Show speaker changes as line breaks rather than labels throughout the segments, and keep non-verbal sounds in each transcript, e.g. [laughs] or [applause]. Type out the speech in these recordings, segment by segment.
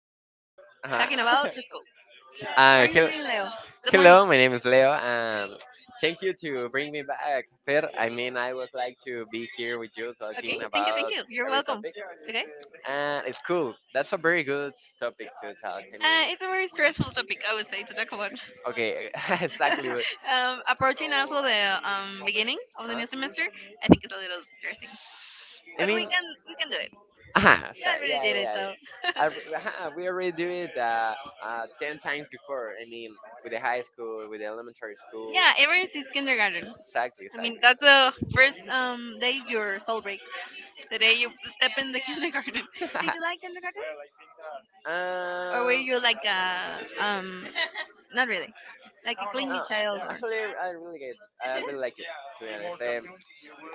uh
talking about the school.
[laughs]
How are you
hello,
doing, Leo? Good morning.
my name is Leo, and thank you to bring me back, Fer. I mean, I would like to be here with you talking
Okay, thank you, thank
about.
you. You're welcome. Okay,
It's cool. That's a very good topic to talk.
it's a very stressful topic, I would say, to talk about. [laughs]
Okay, [laughs] exactly.
Approaching also the beginning of the
Huh?
new semester, I think it's a little stressing,
I
but we
mean,
can we can do it.
yeah, [laughs]
We
yeah,
already
yeah.
did it,
yeah.
so [laughs]
We already do it 10 times before. I mean, with the high school, with the elementary school.
yeah. Ever since kindergarten,
Exactly,
I mean that's the first day your soul breaks. The day you step in the [laughs] kindergarten.
exactly.
Did you like
[laughs]
kindergarten? Or were
um,
you like a [laughs] not really. Like a clingy
No,
child or
actually, I
yeah?
really like it. To be honest,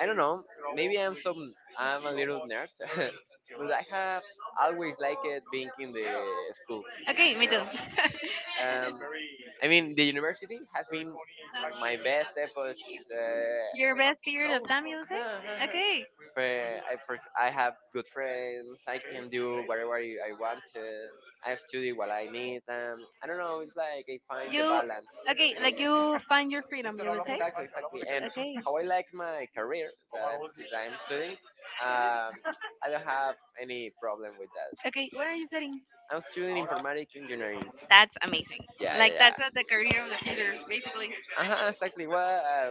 I don't know. Maybe I'm some, I'm a little nerd, [laughs] but I have always liked it being in the school.
Okay, me
You
too.
know, um,
[laughs]
I mean, the university has been my best efforts. Uh,
Your best period of time, you would
uh-huh,
say?
uh-huh.
Okay.
I have good friends. I can do whatever I want to. I study what I need. I don't know. It's like I find the
You
balance
Okay, like
between.
you find your freedom, you would say?
Exactly. And
Okay.
how I like my career that that I'm studying, um, I don't have any problem with that.
Okay, what are you studying?
I'm studying informatic engineering.
That's amazing.
Yeah.
Like that's what the career of the future, basically.
Uh huh. Exactly.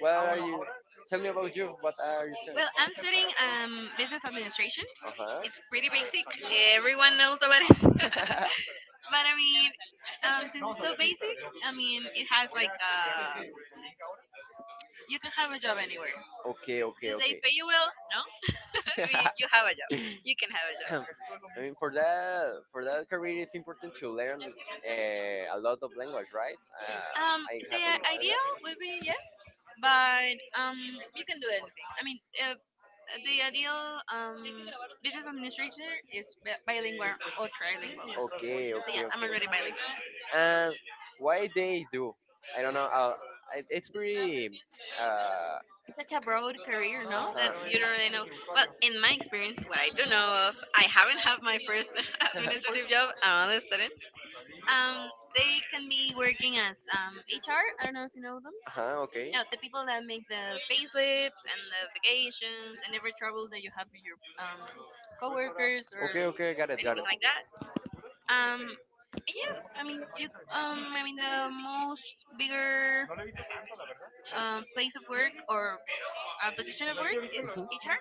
What are you? Tell me about you. What are you studying?
Well, I'm studying business administration.
Uh huh.
It's pretty basic. Everyone knows about it. [laughs]
[laughs]
But I mean, since it's so basic, I mean, it has like you can have a job anywhere.
Okay, [laughs]
Do
okay,
they
okay.
pay you well? No. [laughs] You have a job. You can have a
[laughs]
job.
I mean, for that career, it's important to learn a lot of language, right?
Um,
I
the
haven't.
ideal would be yes, but you can do anything. I mean, uh, the ideal business administrator is bilingual or trilingual.
Okay, So
So yeah,
okay,
I'm
okay.
already bilingual.
And why they do? I don't know. It's pretty. Uh
Such a broad career, no? That
huh.
you don't really know. Well, in my experience, what I do know of, I haven't had my first [laughs]
[laughs]
administrative job. I'm only a student. Um, they can be working as HR. I don't know if you know them.
uh huh. Okay.
No, the people that make the payslips and the vacations and every trouble that you have with your coworkers or
Okay, okay, got it, got
anything
it.
like that. And yeah, I mean, you. I mean, the most bigger place of work or position of work, in
Mhm.
HR.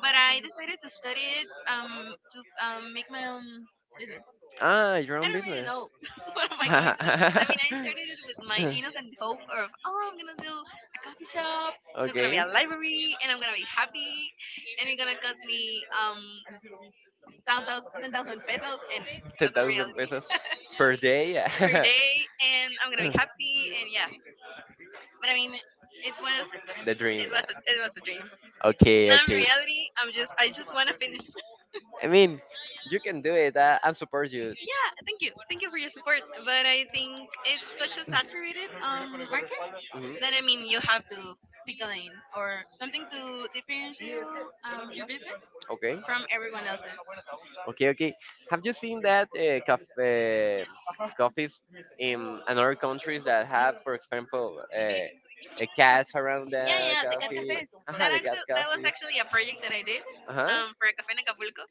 But I decided to study it to make my own business.
Ah, your
I
own
don't really
business.
know [laughs] what am I going to do. I mean, I started it with my
[laughs]
innocent hope of, oh, I'm gonna do a coffee shop. There's gonna be
Okay.
a library, and I'm gonna be happy, and it's gonna cost me 10,000 pesos, and that's not
10,000
reality
pesos per day. [laughs]
[laughs] per day, and I'm gonna be happy, and yeah. But I mean, it was
The dream.
it was a, it was a dream.
Okay,
Not
okay.
really. I just want to finish.
I mean, you can do it. I support you.
Yeah, thank you for your support. But I think it's such a saturated market that I
Mhm.
mean you have to pick a lane or something to differentiate you, your business
Okay.
from everyone else's.
Okay, okay. Have you seen that coffees in another countries that have, for example, a cats around
Yeah,
Yeah,
yeah,
the
the cat
coffee?
cafe. That
Cafes the cat
actually, that was
coffee.
actually a project that I did
Uh-huh.
for a cafe in Acapulco,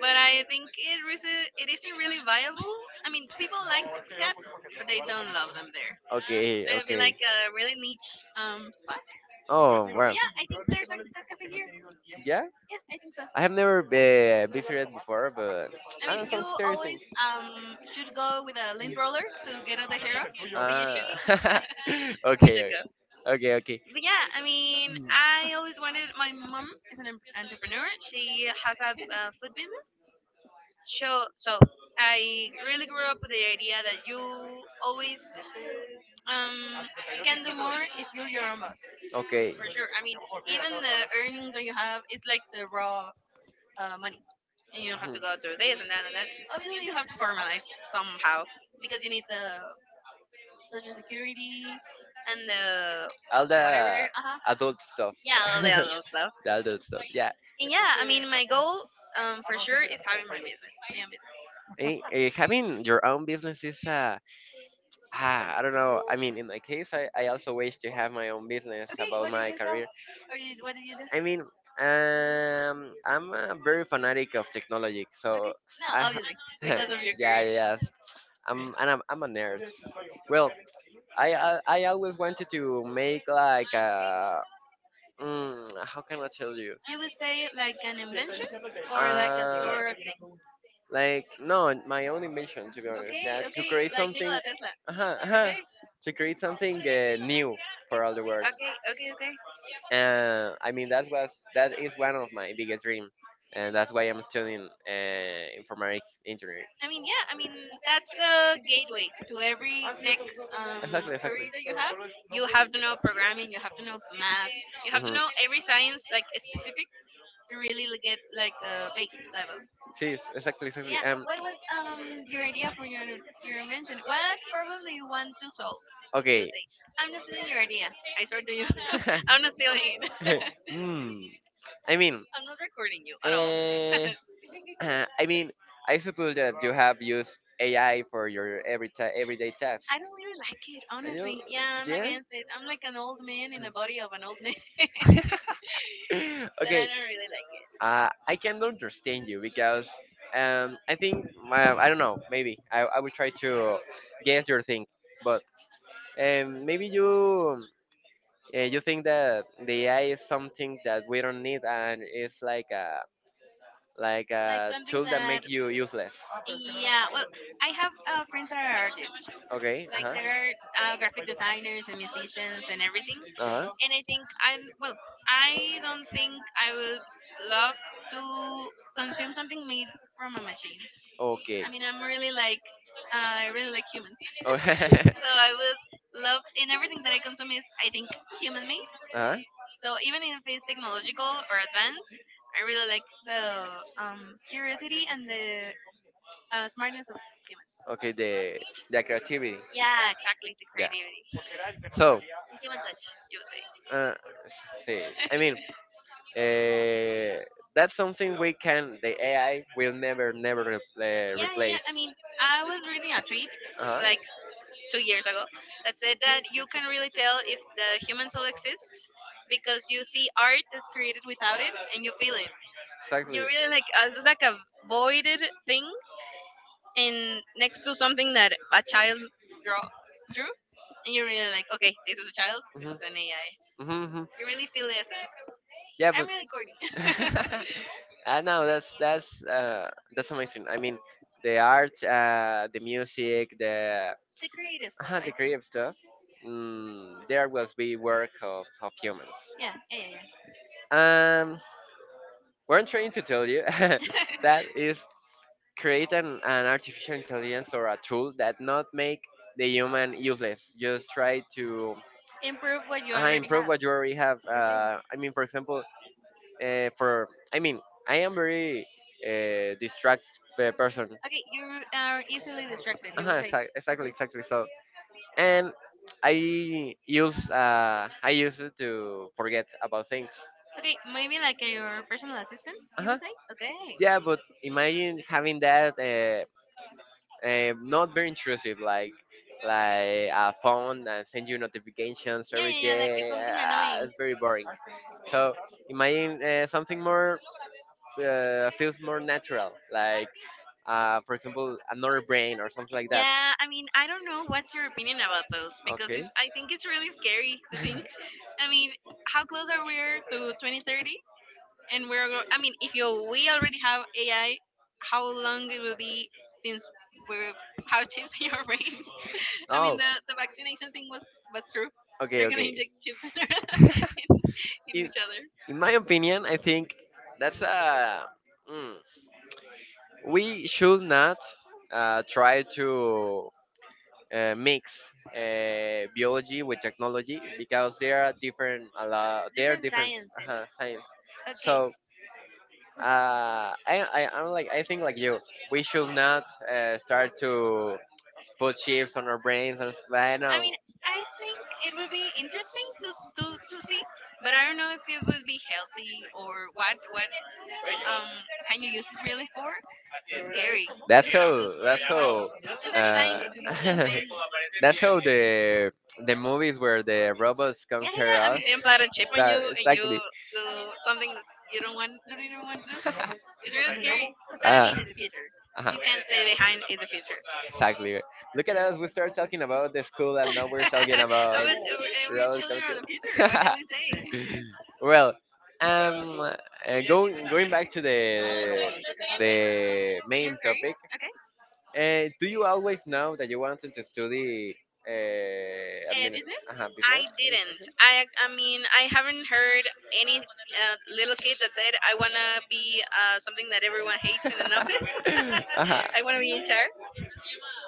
but I think it isn't really viable. I mean, people like cats, but they don't love them there.
Okay,
It would be
okay.
like a really niche. But
Oh, well,
yeah, I think there's like, a good cafe here.
yeah.
Yeah, I think so.
I have never visited before, but
I mean, you
sounds interesting.
always should go with a lint roller to get out the hair, but you should go.
Ah,
[laughs]
[laughs]
We should
okay,
go.
okay, okay,
But yeah, I mean, I always wanted. My mom is an entrepreneur. She has a food business. So, so I really grew up with the idea that you always um, can do more if you're your own, for
okay.
sure. I mean, [laughs] even the earnings that you have, it's like the raw money. And you don't have to
Mhm.
go through this and that and that. Obviously, you have to formalize somehow because you need the social security and the
All
whatever.
whatever.
Uh-huh.
The adult stuff.
Yeah,
[laughs]
all the
Stuff.
other stuff.
The adult stuff. Yeah.
And yeah, I mean, my goal for sure is having my business. My own business.
Having your own business is I don't know. I mean, in my case, I also wish to have my own business about my career. I mean, I'm a very fanatic of technology, Okay. So no,
Okay. No,
I, ha-
obviously,
[laughs]
because of
[laughs]
your
yeah,
career.
yes, I'm a nerd. Well, I always wanted to make like a, mm, how can I tell you?
You would say like an invention or like a
Uh,
store of things.
Like no, my own mission to be honest, okay,
Okay,
yeah, to okay,
okay,
create like
like
something,
Nikola
Nikola
Tesla.
Tesla. Uh-huh, [laughs] uh-huh, okay,
Okay,
to create something new for all the world. Okay,
okay,
okay,
okay, okay.
okay. I mean that is one of my biggest dream, and that's why I'm studying informatic engineering.
I mean, yeah, I mean, that's the gateway to every tech
Exactly, degree
career that you have.
exactly.
You have to know programming, you have to know math, you have to
Mhm.
know every science, like specific, to really get like the base level.
Yes, exactly,
So,
exactly.
yeah,
Yeah.
what
What
was
was
your idea for
your
your invention? What problem do you want to solve? You
okay.
say,
[laughs]
I'm
I'm not
not stealing
stealing
your
your idea.
idea. I
[laughs] Or
swear to
do
you, [laughs] I'm not
you.
stealing. [laughs]
[laughs] [laughs] Hmm. I mean, I'm
I'm not recording you at all.
[laughs] I mean, I suppose that you have used AI for your everyday task.
I don't really like it,
Know.
honestly. Yeah,
[laughs]
I'm
Yeah.
against it. I'm like an old man in the body of an old man. [laughs]
[laughs]
Then I
okay. Do
don't really like it.
I can understand you because I think I don't know. Maybe I will try to guess your things, but maybe you. You think that the AI is something that we don't need and it's like a like like
Like
a
something
tool
that,
make you useless.
yeah. Well, I have friends that are artists.
Okay. Uh
Like
huh.
they're graphic designers and musicians and everything.
Uh huh.
And I think I'm well. I don't think I will love to consume something made from a machine.
Okay.
I mean, I'm really like. I really like humans,
Oh. [laughs]
so I would love and everything that I consume is, I think, human made.
uh huh.
So even if it's technological or advanced, I really like the curiosity and the smartness of humans.
Okay. The creativity.
Yeah, exactly. The
Yeah.
creativity,
So,
the human touch, you would say.
uh, see, I mean, uh, that's something we can. The AI will never, yeah,
Yeah, yeah, yeah.
replace.
I mean, I was reading a tweet
Uh huh.
like 2 years ago that said that you can really tell if the human soul exists because you see art that's created without it and you feel it. You
Exactly.
really like it's like a voided thing, and next to something that a child draw drew, and you're really like, okay, this is a child, this is an AI.
Mhm. Hmm.
You really feel the essence.
Yeah, but
I'm really corny.
corny. [laughs]
[laughs]
[laughs] I know that's amazing. I mean, the art, the music,
The
the
creative though, I
mean.
think.
Creative stuff. Mm, there will be work of humans.
Yeah, yeah, yeah,
Um, what I'm trying to tell you
yeah.
[laughs] that is create an artificial intelligence or a tool that not make the human useless. Just try to
[laughs] Improve what you already
improve
have.
what you already have. I mean, for example, for I mean I am very distract person.
Okay, you are easily distracted, you would
Uh-huh,
say.
exactly, exactly. So and I use it to forget about things.
Okay, maybe like your personal assistant, you
Uh-huh.
would say? Okay.
Yeah, but imagine having that not very intrusive, like a phone and send you notifications
Yeah,
every
yeah, yeah, like it's
day.
something annoying.
It's very boring. So imagine something more feels more natural, like for example, another brain or something like that.
Yeah, I mean, I don't know what's your opinion about those because it,
Okay.
I think it's really scary to think.
[laughs]
I mean, how close are we to 2030? And I mean, if you we already have AI, how long it will be since we're have [laughs] chips in your brain? [laughs] I mean,
oh.
the vaccination thing was true.
Okay.
They're gonna
Okay.
inject chips [laughs]
[laughs]
in
in,
each other.
in my opinion, I think that's a. Mm, we should not try to mix biology with technology because they are different. A lot. They are
Different
different.
sciences.
Uh-huh, science.
Okay.
So. I'm like, I think like you, we should not start to put chips on our brains and stuff. I
I
know.
mean, I think it would be interesting to to see, but I don't know if it will be healthy or what um can you use it really for? It's scary.
That's
Just to
how. That's
think about
how.
it, it's like
Uh,
science fiction
[laughs]
thing.
that's how the movies where the robots
Yeah, yeah,
conquer
yeah. I
us
mean, they implant a chip on you
start
and you
exactly.
do something you don't want, don't even want to do.
[laughs]
It's really scary. But I
Ah,
mean, it's the future.
uh-huh,
You can't stay behind in the future.
exactly. Look at us. We start talking about the school,
[laughs]
and now we're talking
But
about
we're
road
children of the future. What
conquer.
can we say?
[laughs] Well, going back to
No, pero para eso que
the
your
main
career?
topic.
Okay.
Do you always know that you wanted to study administration?
Business?
Uh-huh,
I
business
didn't. I mean I haven't heard any little kid that said I wanna be something that everyone hates in an office. [laughs]
administration? [laughs] uh-huh.
I wanna be in charge.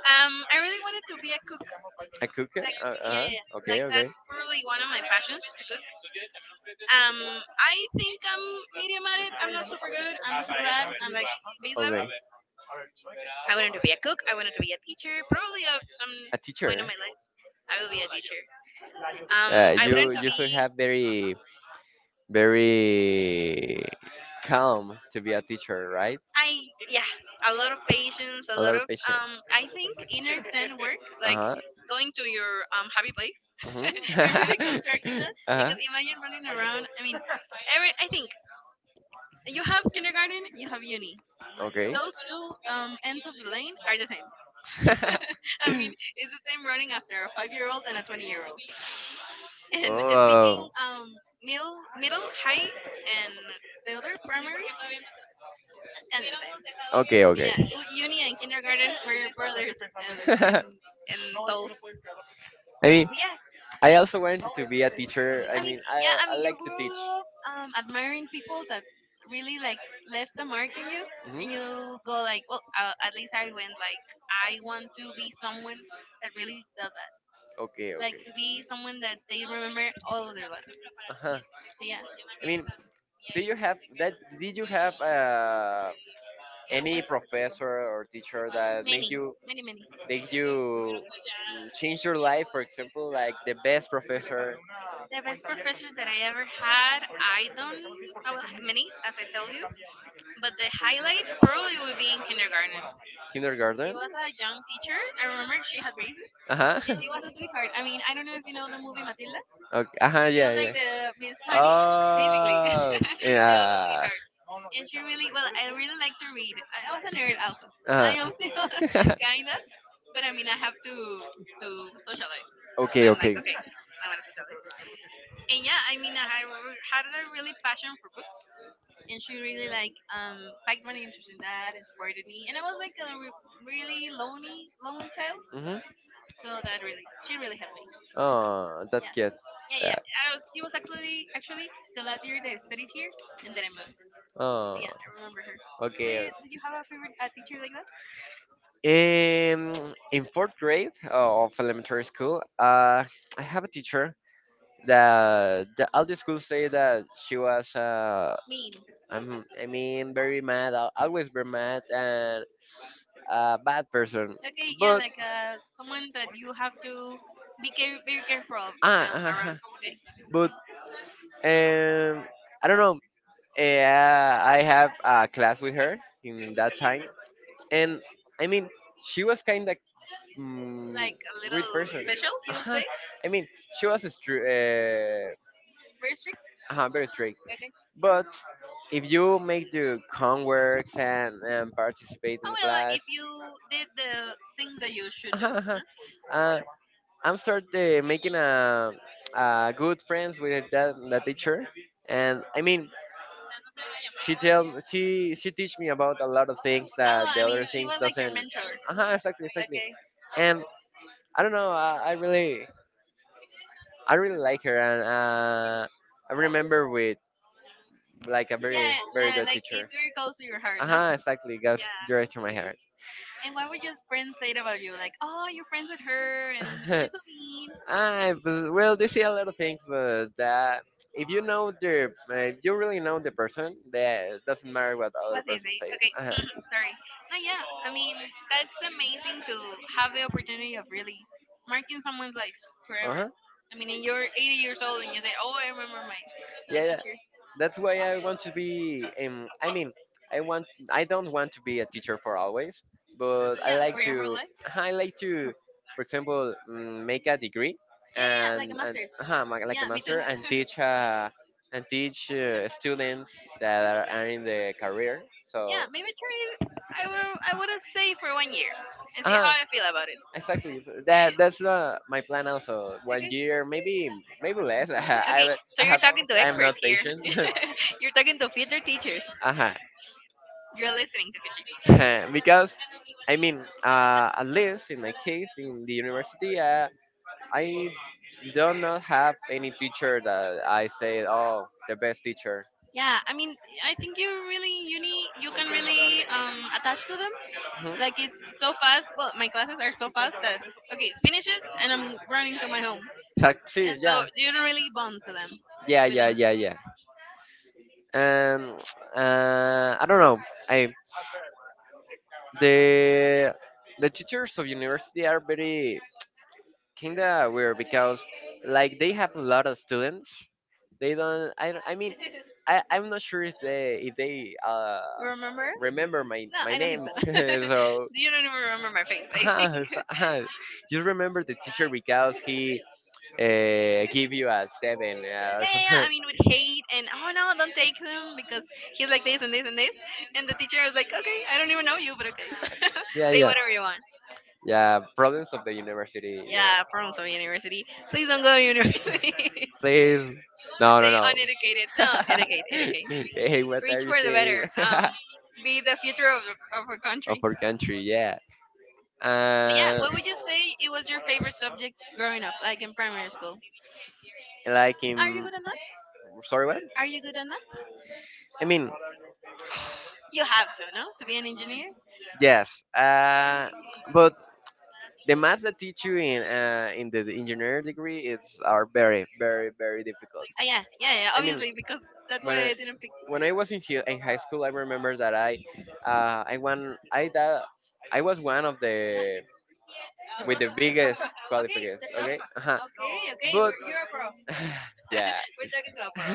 I really wanted to be a cook.
A cook?
Like yeah,
Uh-huh.
yeah, yeah.
Okay,
Like
okay.
that's probably one of my passions, to cook. Um, I think I'm medium at it. I'm not super good. I'm not super bad. I'm like base level.
Okay.
I wanted to be a cook. I wanted to be a teacher. Probably at some
A
point
teacher.
of my life, I will be a teacher. Um, I wanted to
You
be.
should have very calm to be a teacher, right?
I Yeah, a lot of patience, a
A lot
lot
of
of
patience.
I think inner zen work, like
Uh-huh.
going to your happy place [laughs] and really
Mhm.
constructing that.
[laughs] uh-huh.
Because imagine running around. I mean, every I think you have kindergarten, you have uni.
Okay.
Those two ends of the lane are the same.
[laughs] I
[laughs] I mean,
mean,
it's the same running after a five-year-old and a 20-year-old.
[laughs]
And speaking
oh.
middle high and the other primary, it's kind of the same,
Okay,
but
okay.
yeah, uni and kindergarten were are brothers,
[laughs] I
and those but
mean,
yeah.
I also wanted to be a teacher. I
I mean,
mean,
yeah, I
I
mean, you
like to
grew
teach.
up admiring people that really like left the mark in you, and
Hmm.
you go like, well, at least I went like, I want to be someone that really does that,
Okay,
like
okay.
to be someone that they remember all of their life.
Uh-huh.
So yeah.
I mean, do you have that? Did you have any professor or teacher that made
Many,
you
many, many.
make you mm, change your life? For example, like the best professor
The best professors that I ever had, I don't, I will have many, as I tell you, but the highlight probably would be in kindergarten.
kindergarten.
It was a young teacher. I remember she had braces,
Uh
and
huh.
she was a
[laughs]
sweetheart. I mean, I don't know if you know the movie Matilda.
Okay. Uh huh.
It
Yeah.
was like
Yeah.
the Miss Honey, basically.
Oh.
[laughs] She was a
Yeah.
sweetheart. And she really, well, I really like to read. I was a nerd also.
Uh
I am still
huh.
[laughs] kind of, but I mean, I have to socialize.
[laughs]
So
okay.
I'm like,
Okay.
okay, I want to socialize. And yeah, I mean, had a really passion for books, and she really like piqued my interest in that, inspired me, and I was like a really lonely, lonely child.
Mhm.
So that really, she really helped me.
Oh, that's
Yeah.
cute.
Yeah,
Yeah.
yeah. She was actually the last year that I studied here, and then I moved. So,
Oh.
yeah, I remember her. Did
Okay.
you, you have a favorite teacher like that?
In fourth grade of elementary school, I have a teacher that the, all the schools say that she was a
Mean.
I'm, I mean, very mad. I'll always be mad and a bad person.
Okay, yeah,
But
like someone that you have to very careful
have
of
to ah, [laughs] ah,
around.
ah,
Okay,
but um, I don't know. Yeah, I have a class with her in that time, and I mean, she was kind of mm,
like a
rude
little
person. [laughs] Let
special, you would
uh-huh, say.
say.
I mean, she was stri- uh,
Very strict.
very strict.
Okay.
But if you make the homeworks and participate in
Oh
mean,
well,
class,
if you did the things that you should do. Huh?
[laughs] uh, I'm start making a good friends with that the teacher, and I mean she tell she teach me about a lot of things
Oh,
that the
I mean,
other
she
things
was like your
doesn't.
mentor.
Exactly.
Okay.
And I don't know, I really like her, and I remember with like a very
Yeah,
very good
like it
teacher.
really goes to your
Uh
heart, no?
huh, exactly, goes
Yeah.
direct to my heart.
And what would your friends say about you? Like, oh, you're friends with her, and she's
[laughs]
so mean.
Well, they say a lot of things, but that if you know the, if you really know the person, that doesn't matter what other
What they
person
say?
says.
Okay,
Uh huh.
[clears throat] sorry. No, yeah. I mean, that's amazing to have the opportunity of really marking someone's life
Uh
forever.
huh.
I mean, and you're 80
Years
years
old
old,
and
and
you
you
say,
say,
"Oh,
oh,
I
I
remember
remember
my
my
yeah yeah teacher."
teacher.
That's why I want to be I mean I want I don't want to be a teacher for always but I Yeah,
Yeah,
like
for
for
your
your
whole
whole to
life.
life. I like to for example mm, make a degree Yeah,
Yeah, yeah, yeah,
yeah, like a
like a
and
master.
master's. Like a Yeah, maybe
Yeah, me too.
master like and a. teach and teach students that are in the career so
[laughs]
Yeah,
yeah, maybe
maybe try in
try. I will. I would say for one year and
your
see how
life.
I feel about it.
Exactly So that that's my plan also one
Okay.
year maybe maybe less [laughs] I
Okay.
Okay,
So you're talking to
I'm like
experts
not
here.
next year. Patient [laughs]
[laughs] you're talking to future teachers.
Uh-huh. [laughs]
You're listening to Pichi Pichi.
because I mean, at least in my case, in the university, I do not have any teacher that I say, oh, the best teacher.
Yeah, I mean, I think you can really attach to them.
Mhm.
Like it's so fast. Well, my classes are so fast that okay, finishes and I'm running to my home,
Exact-
and so
yeah,
you don't really bond to them,
yeah,
with
yeah,
them.
yeah, yeah. And [tsk] I don't know. I the the teachers of university are very kinda weird because like they have a lot of students They don't. I mean, [laughs] I. I'm not sure if they. If they. Remember?
Remember?
Remember my No,
No,
my
I don't think
name.
so. [laughs]
[laughs] so.
you don't even remember my face. I think.
Ah, so- ah, just remember the teacher because he give you a seven.
[laughs] yeah,
Yeah. Or yeah,
yeah,
yeah.
yeah. I
Something.
mean, with hate and oh no, don't take him because he's like this and this and this, and the teacher was like, okay, I don't even know you, but okay,
[laughs] yeah.
[laughs] say
Yeah.
whatever you want.
Yeah. Problems of the university. You know. Yeah,
Yeah, from some university. Please don't go to university.
Please. No.
[laughs]
No.
Stay
No.
uneducated.
[laughs]
No, educate,
wanted
educate.
hey, what [laughs] are
Reach
you Which
for the
saying?
better.
[laughs]
Be the future of our
of
country.
our country. Yeah. Yeah,
But yeah,
uh.
what would you say it was your favorite subject growing up, like
Like.
in primary school?
Like
Are you
in
good at math?
sorry what
Are you good at math?
I mean
You have to, no, to be an engineer.
yes but the math that teach you in the engineering degree it's are very very very difficult
Oh yeah, yeah, yeah.
I mean
Obviously, because that's
when
why
I,
I didn't pick.
when I was in, in high school I remember that I won I that I was one of the
[laughs] okay,
with the
that's up.
biggest qualifiers okay uh-huh.
Okay, okay,
But
you're a pro.
[laughs] yeah
[laughs] we're talking to a pro.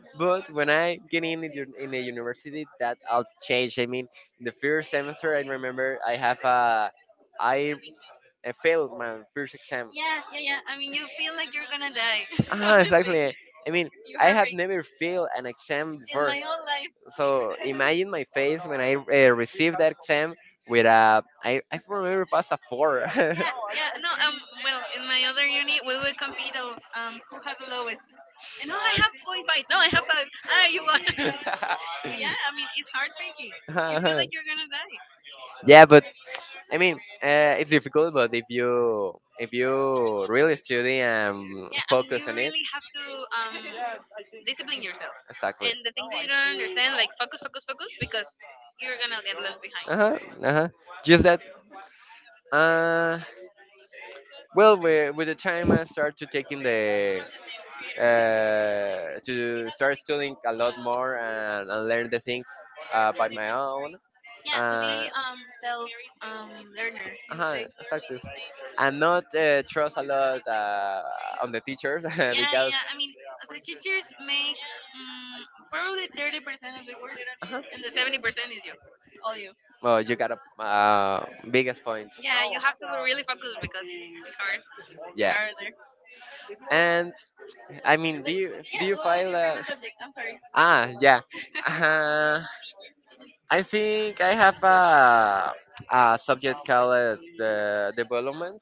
[laughs] but when I get in the university, that all changed. I mean, in the first semester, I remember I have a I, I failed my first exam.
Yeah, yeah, yeah. I mean, you feel like you're gonna die. [laughs]
Ah,
Honestly,
exactly. I mean,
you
I have
heartbreak.
never failed an exam
In
before.
my own life,
So imagine my face when I received that exam with a I remember it was a four. [laughs]
yeah, yeah. No, well, in my other uni, we will compete of who has the lowest. And oh, I have point five. No, I have five. Ah, you won. [laughs]
[laughs]
But yeah, I mean, it's heartbreaking. You feel like you're gonna die.
Yeah, but I mean, it's difficult, but if you really study and
Yeah, I mean, you
focus on it,
really have to um discipline yourself.
exactly.
And the things that you don't understand, like focus, focus, focus, because you're gonna get left behind.
Uh huh. Uh huh. Just that. Uh. Well, with the time I start to taking the to start studying a lot more and learn the things by my own.
Yeah, to
Uh.
be self learner, you would
Uh-huh,
say.
exactly. And not trust a lot on the teachers. [laughs]
Yeah, yeah,
because.
yeah. I mean, the teachers make probably 30% of the work,
Uh-huh.
and the 70% is you, all you.
Well, you got a biggest point.
Yeah, you have to be really focused because it's hard. It's
Yeah.
hard there.
And I mean, do you do
Yeah.
you
So what was
file
your
a?
favorite subject? I'm sorry.
Ah, yeah. Uh, I think I have a subject called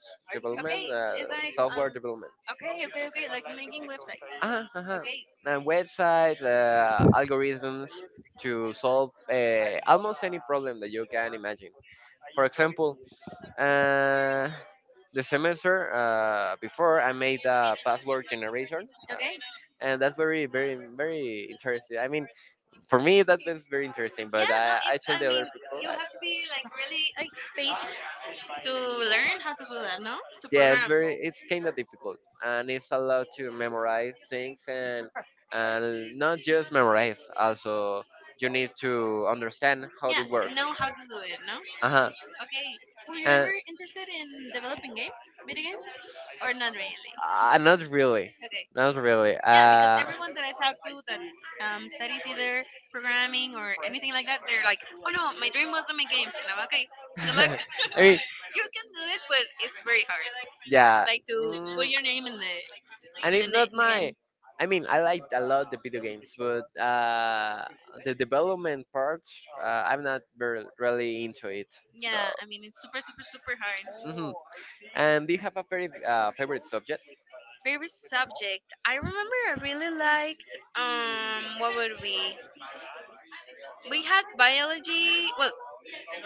Okay,
development,
it's like
software development.
Okay, okay, okay. Like making websites.
Ah, uh-huh.
Okay,
And website algorithms to solve almost any problem that you can imagine. For example, uh, the semester before, I made a password generation,
okay.
and that's very, very, very interesting. I mean, for me, that is very interesting, but
Yeah, no,
I
it's.
tell
I
the
mean,
other people.
you
I,
have to be like really like patient to learn how to do that, no? To
yeah, it's
program.
very, it's kind of difficult, and it's a lot to memorize things, and not just memorize, also you need to understand how
Yeah,
it works.
know how to do it, no?
Uh huh.
Okay. Were you
And
ever interested in developing games, video games, or not really?
not really,
Okay.
not really.
Yeah, because everyone that I talk to that studies either programming or anything like that, they're like, "Oh no, my dream was to make games." And I'm okay.
[laughs]
Good luck.
I mean,
You can do it, but it's very hard.
yeah.
Like to put
Mm,
your name in the
and it's not
in the game.
my. I mean, I like a lot the video games, but the development part, I'm not very really into it. So,
Yeah, I mean it's super super super hard.
hmm, and do you have a very favorite subject?
Favorite subject? I remember I really liked what would we? We had biology well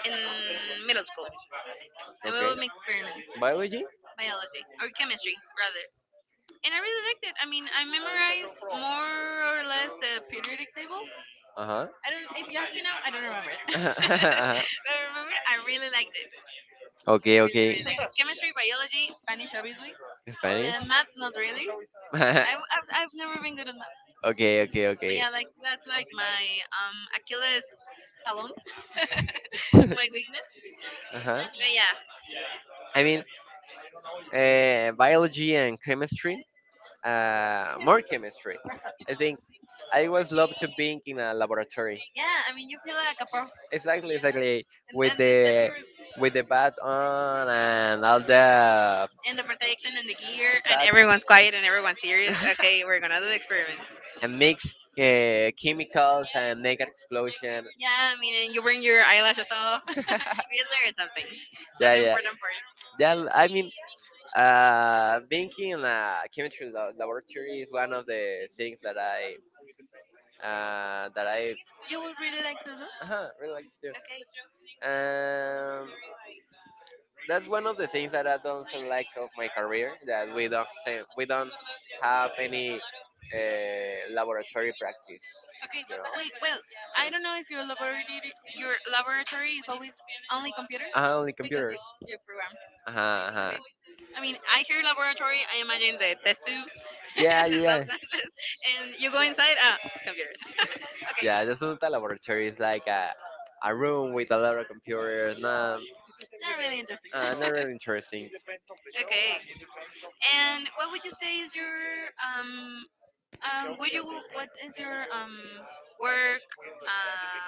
in middle school and we
Okay,
would make experiments.
biology.
Biology or chemistry rather. And I really liked it. I mean I memorized more or less the periodic table.
Uh
I don't if you ask me now, I don't remember it.
huh.
[laughs] but I remember I really liked it.
[laughs] Okay,
Really, really
okay.
liked it. Chemistry, biology, Spanish obviously.
[laughs] Spanish.
And math not really.
[laughs] I, have math.
I've never been good at math.
Okay, okay,
But
okay.
yeah, like that's like my Achilles talon,
[laughs] uh-huh.
[laughs] my weakness. But yeah,
I mean, biology and chemistry, more chemistry. I think I always love to being in a laboratory.
yeah. I mean, you feel like a pro,
Exactly, exactly.
and
With
then the step
the
you
with the bat on and all the
and the protection and the gear, and
exact
everyone's quiet and everyone's serious.
[laughs]
Okay, we're gonna do the experiment.
and mix chemicals and make an explosion.
Yeah, I mean, and you bring your eyelashes off. [laughs] we
[laughs]
learn something.
Yeah,
That's the
yeah,
important part.
yeah. I mean, being in a chemistry la- laboratory is one of the things that I
You would really like to do.
really like to do.
Okay.
Um, that's one of the things that I don't like of my career that we don't say, we don't have any laboratory practice.
Okay.
You know,
Wait. Well, I don't know if your laboratory is always only computer
only
because
computers.
you program.
Uh-huh, uh-huh.
Okay. I mean, I hear laboratory. I imagine the test tubes, [laughs]
Yeah,
the
yeah, [laughs] yeah.
substances, and you go inside. Ah, computers. [laughs] okay.
Yeah, the Sunta laboratory is like a room with a lot of computers. Not,
Not really interesting.
not really interesting.
[laughs] okay. And what would you say is your um? Would you What is your work um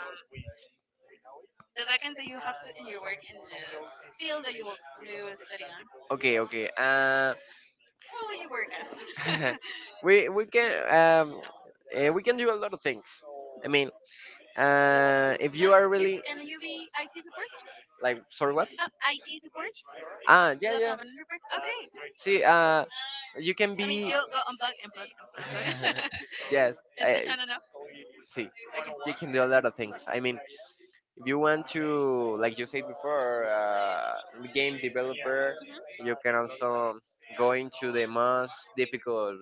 the vacancy that you have to, in your work in the field that you will study on?
Okay, okay.
What will you work at? [laughs]
[laughs] We can we can do a lot of things. I mean, if you are really
Can you be IT support?
like, sorry, what?
IT support?
Ah, yeah,
Local
yeah.
government reports? Okay.
See, you can
I mean,
be.
you go unplug, unplug, unplug, unplug.
[laughs] Yes.
[laughs] and switch
eh,
on and off.
See,
Okay.
you can do a lot of
[laughs]
things. I mean, if you want to, like you said before, game developer, you can also go into the most difficult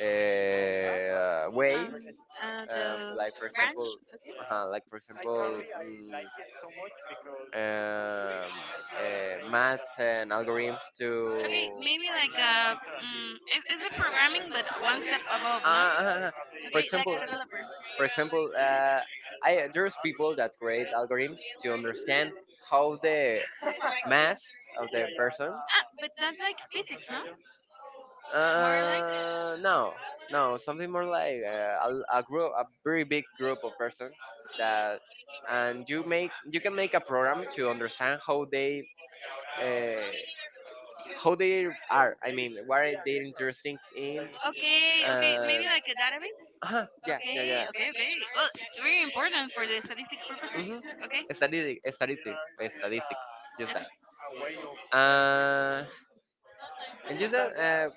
way.
Um,
Uh,
the
like for
branch?
example,
Okay.
like for example, um, math and algorithms to
Okay, maybe like it's with programming, but one step above, no?
Uh, [laughs] for
Okay, like
example,
a developer.
for example, I there's people that create algorithms to understand how the
[laughs]
mass of the person.
Ah, but that's like physics, no? More like
No, no,
no.
something more like a group, a very big group of persons that, and you make you can make a program to understand how they. Uh, how they are, I mean, what are they interested in
Okay, okay,
and
maybe like a database.
yeah, yeah,
Okay,
yeah.
okay, okay. Well, very important for the statistic purposes.
Mm-hmm.
Okay,
Statistic, statistic, statistics, just that
okay.
uh and just that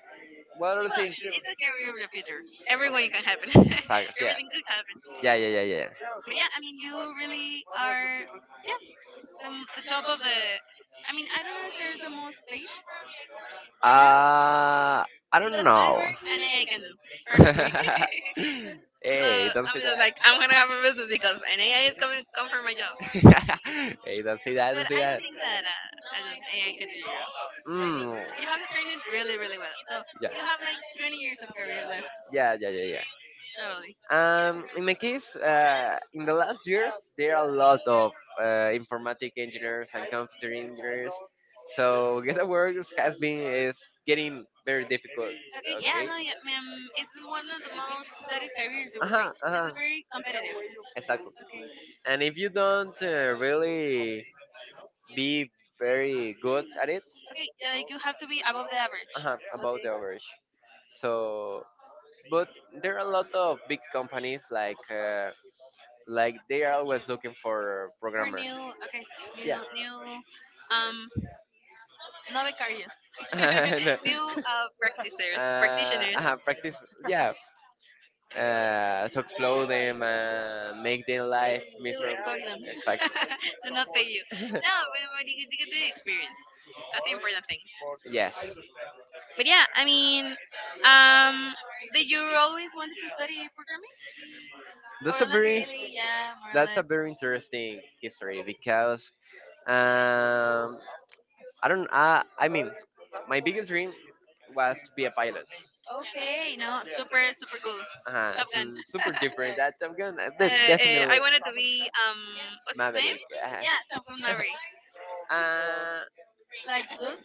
what other
Well,
thing? Things
it's a career of the future. Everyone can happen.
sagas,
[laughs]
yeah,
Everything could happen.
yeah, yeah, yeah, yeah.
But yeah, I mean, you really are. Yeah, the top of the. I mean, I don't know if there's the most space right now
uh I don't
because my
know.
work and AI can do perfectly. [laughs]
[laughs]
So
Hey, don't
I'm
say
just
that.
like, I'm gonna have a business because an AI is coming come for my job.
[laughs] Hey, don't say that,
But
don't say
I don't
that.
think that I don't, AI can do your job.
Mm,
You have to train it really, really well. So
yeah.
you have like 20 years of career left.
Yeah, yeah, yeah, yeah.
Totally.
In my case, in the last years, there are a lot of informatic engineers and computer engineers. So [laughs] get a work has been is getting very difficult.
Okay, yeah,
Okay.
no, yeah, ma'am, it's one of the most studied careers you
Uh
will
huh.
take.
Uh
It's
huh.
very
It's
competitive.
exactly.
Okay,
Okay. And if you don't really be very good at it,
okay, yeah, like you have to be above the average.
uh huh, about
Okay,
the okay average. So, but there are a lot of big companies like. Like they are always looking for
for
programmers.
new, okay, new,
Yeah.
new,
[laughs]
um, no becarios,
And,
[laughs] new practitioners, practitioners.
practice. Yeah. To explode them and make their life
They like
miserable.
bug them [laughs] you.
Exactly.
Do not pay you. No,
[laughs]
but you get the experience. That's the important thing.
Yes,
But yeah, I mean, um, did you always wanted to study programming?
that's a
Or like
very
really, yeah, more or
that's
less.
a very interesting history because um I don't I mean my biggest dream was to be a pilot.
Okay, no, super, super cool. Top Gun.
So super
[laughs]
different that I'm gonna de-
I
definitely
wanted to be what's his name?
Maverick, ajá.
Yeah, Tom from Nari.
[laughs] Ah,
Like good?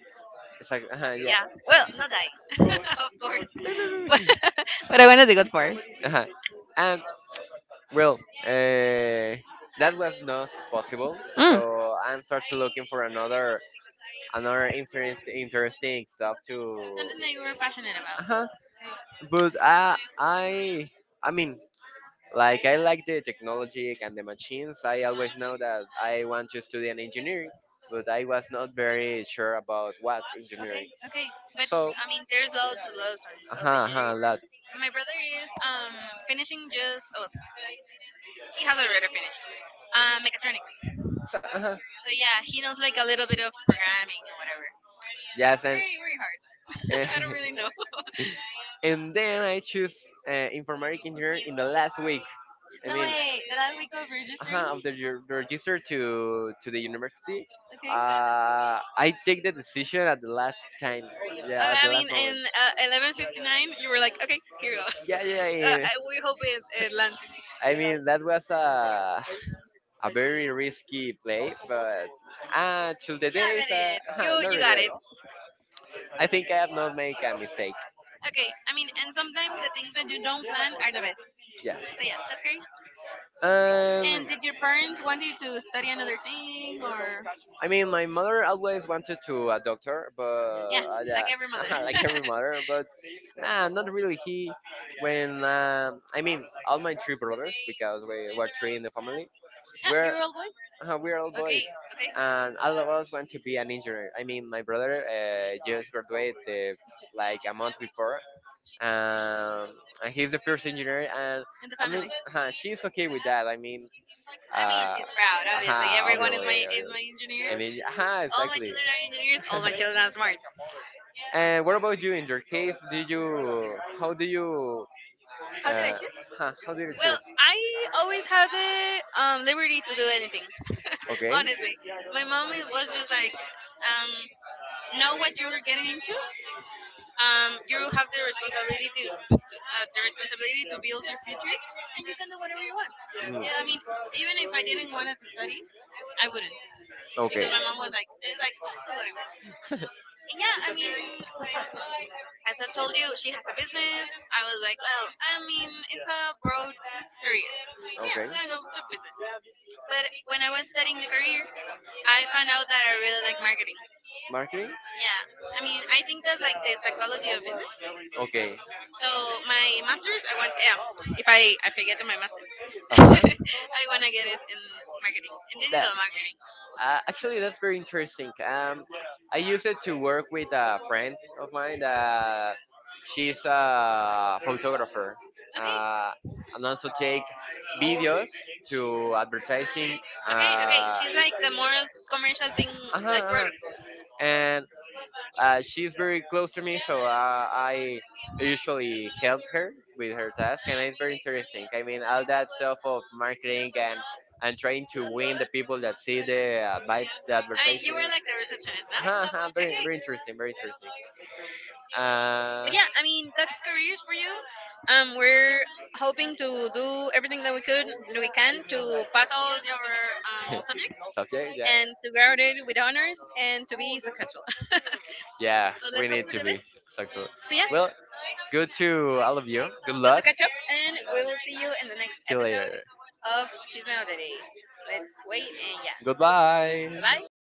exactly, ajá, yeah.
Yeah. Well, not I, [laughs] of course. [laughs] But,
[laughs]
but I wanted the good part.
Ajá. And, well, uh, that was not possible,
Mm.
so I'm started looking for another interest, interesting stuff to
Something that you were passionate about.
uh-huh. But I mean, like I like the technology and the machines. I always know that I want to study an engineering, but I was not very sure about what
Okay,
engineering.
okay, but
So
I mean, there's loads and loads of
uh-huh,
engineering.
uh-huh, lot.
My brother is finishing just oh he has already finished mechatronics.
So, uh-huh.
So yeah, he knows like a little bit of programming or whatever.
Yes,
It's
and
very very hard.
eh,
[laughs] I don't really know.
[laughs] and then I choose informatic engineering in the last week. I
No
mean,
way. The last week of registering.
uh-huh, after you register to the university,
Okay.
I take the decision at the last time. Yeah, at
I
the
mean,
last moment.
in 11:59, you were like, okay, here you go. [laughs]
Yeah, yeah, yeah.
We hope it, it lands.
I mean, that was a very risky play, but till the
Yeah, I
days,
read it. You
uh-huh, no
you got it.
regret. I think I have not made a mistake.
Okay, I mean, and sometimes the things that you don't plan are the best.
Yes.
So yeah, that's great. And
Um,
did your parents want you to study another thing or?
I mean, my mother always wanted to a doctor, but
Yeah.
yeah,
Like every mother.
[laughs] like every
[laughs]
mother. But nah, not really. He, when I mean, all my three brothers, because we were three in the family,
Yeah,
we're
you're all boy.
we're all
Okay,
boys,
okay,
and all of us want to be an engineer. I mean, my brother just graduated the, like a month before, um, and he's the first engineer, and
in the
I mean,
family. I
she's okay with that. I
mean,
Mean,
she's proud,
obviously.
obviously.
Aha,
Everyone
obviously,
is
like, obviously.
my
Like,
engineer.
and it, aha, oh,
All my
exactly.
children are engineers. All my
[laughs]
children are smart.
And what about you? In your case, did you? How do you?
How did I
Uh,
choose?
huh, how did you
Well,
choose?
I always had the liberty to do anything. [laughs]
Okay.
Honestly, my mom was just like, um, know what you're getting into. You have the responsibility to
Uh.
build your future, and you can do whatever you want.
Mm. Yeah.
Yeah, I mean, even if I didn't want to study, I wouldn't because
Okay.
my
[laughs]
mom was like, "It's like do whatever." And yeah, I mean, as I told you, she has a business. I was like, "Well, I mean, it's a broad career." Yeah,
Okay.
I'm gonna go to business. But when I was studying the career, I found out that I really like marketing.
Marketing.
Yeah, I mean, I think that's like the psychology of business.
Okay.
So my master's, I want yeah, if I get to my master's, [laughs] I want to get it in marketing, in
That
digital marketing.
actually that's very interesting. I used it to work with a friend of mine that she's a photographer,
Okay,
uh, and also take videos to advertising.
okay, okay.
Uh,
She's like the more commercial thing,
uh-huh,
like
uh-huh.
product.
And she's very close to me, so I usually help her with her task, and it's very interesting. I mean, all that stuff of marketing and trying to win the people that see the by the
I mean, you
advertising.
were like the receptionist,
Uh-huh,
no?
uh-huh, very
Okay.
very interesting, very interesting. Uh,
But yeah, I mean, that's careers for you. We're hoping to do everything that that we can to pass all your subjects
[laughs] subject, yeah,
and to graduate with honors and to be successful. [laughs] so
yeah, we
let's hope
need
for
to
the
be
best.
successful.
So yeah,
Well, good to all of you. Good
good to
luck.
catch up, and we will see you in the next
See you
episode
later.
of Chisme of the Day. Let's wait and yeah,
Goodbye.
bye bye.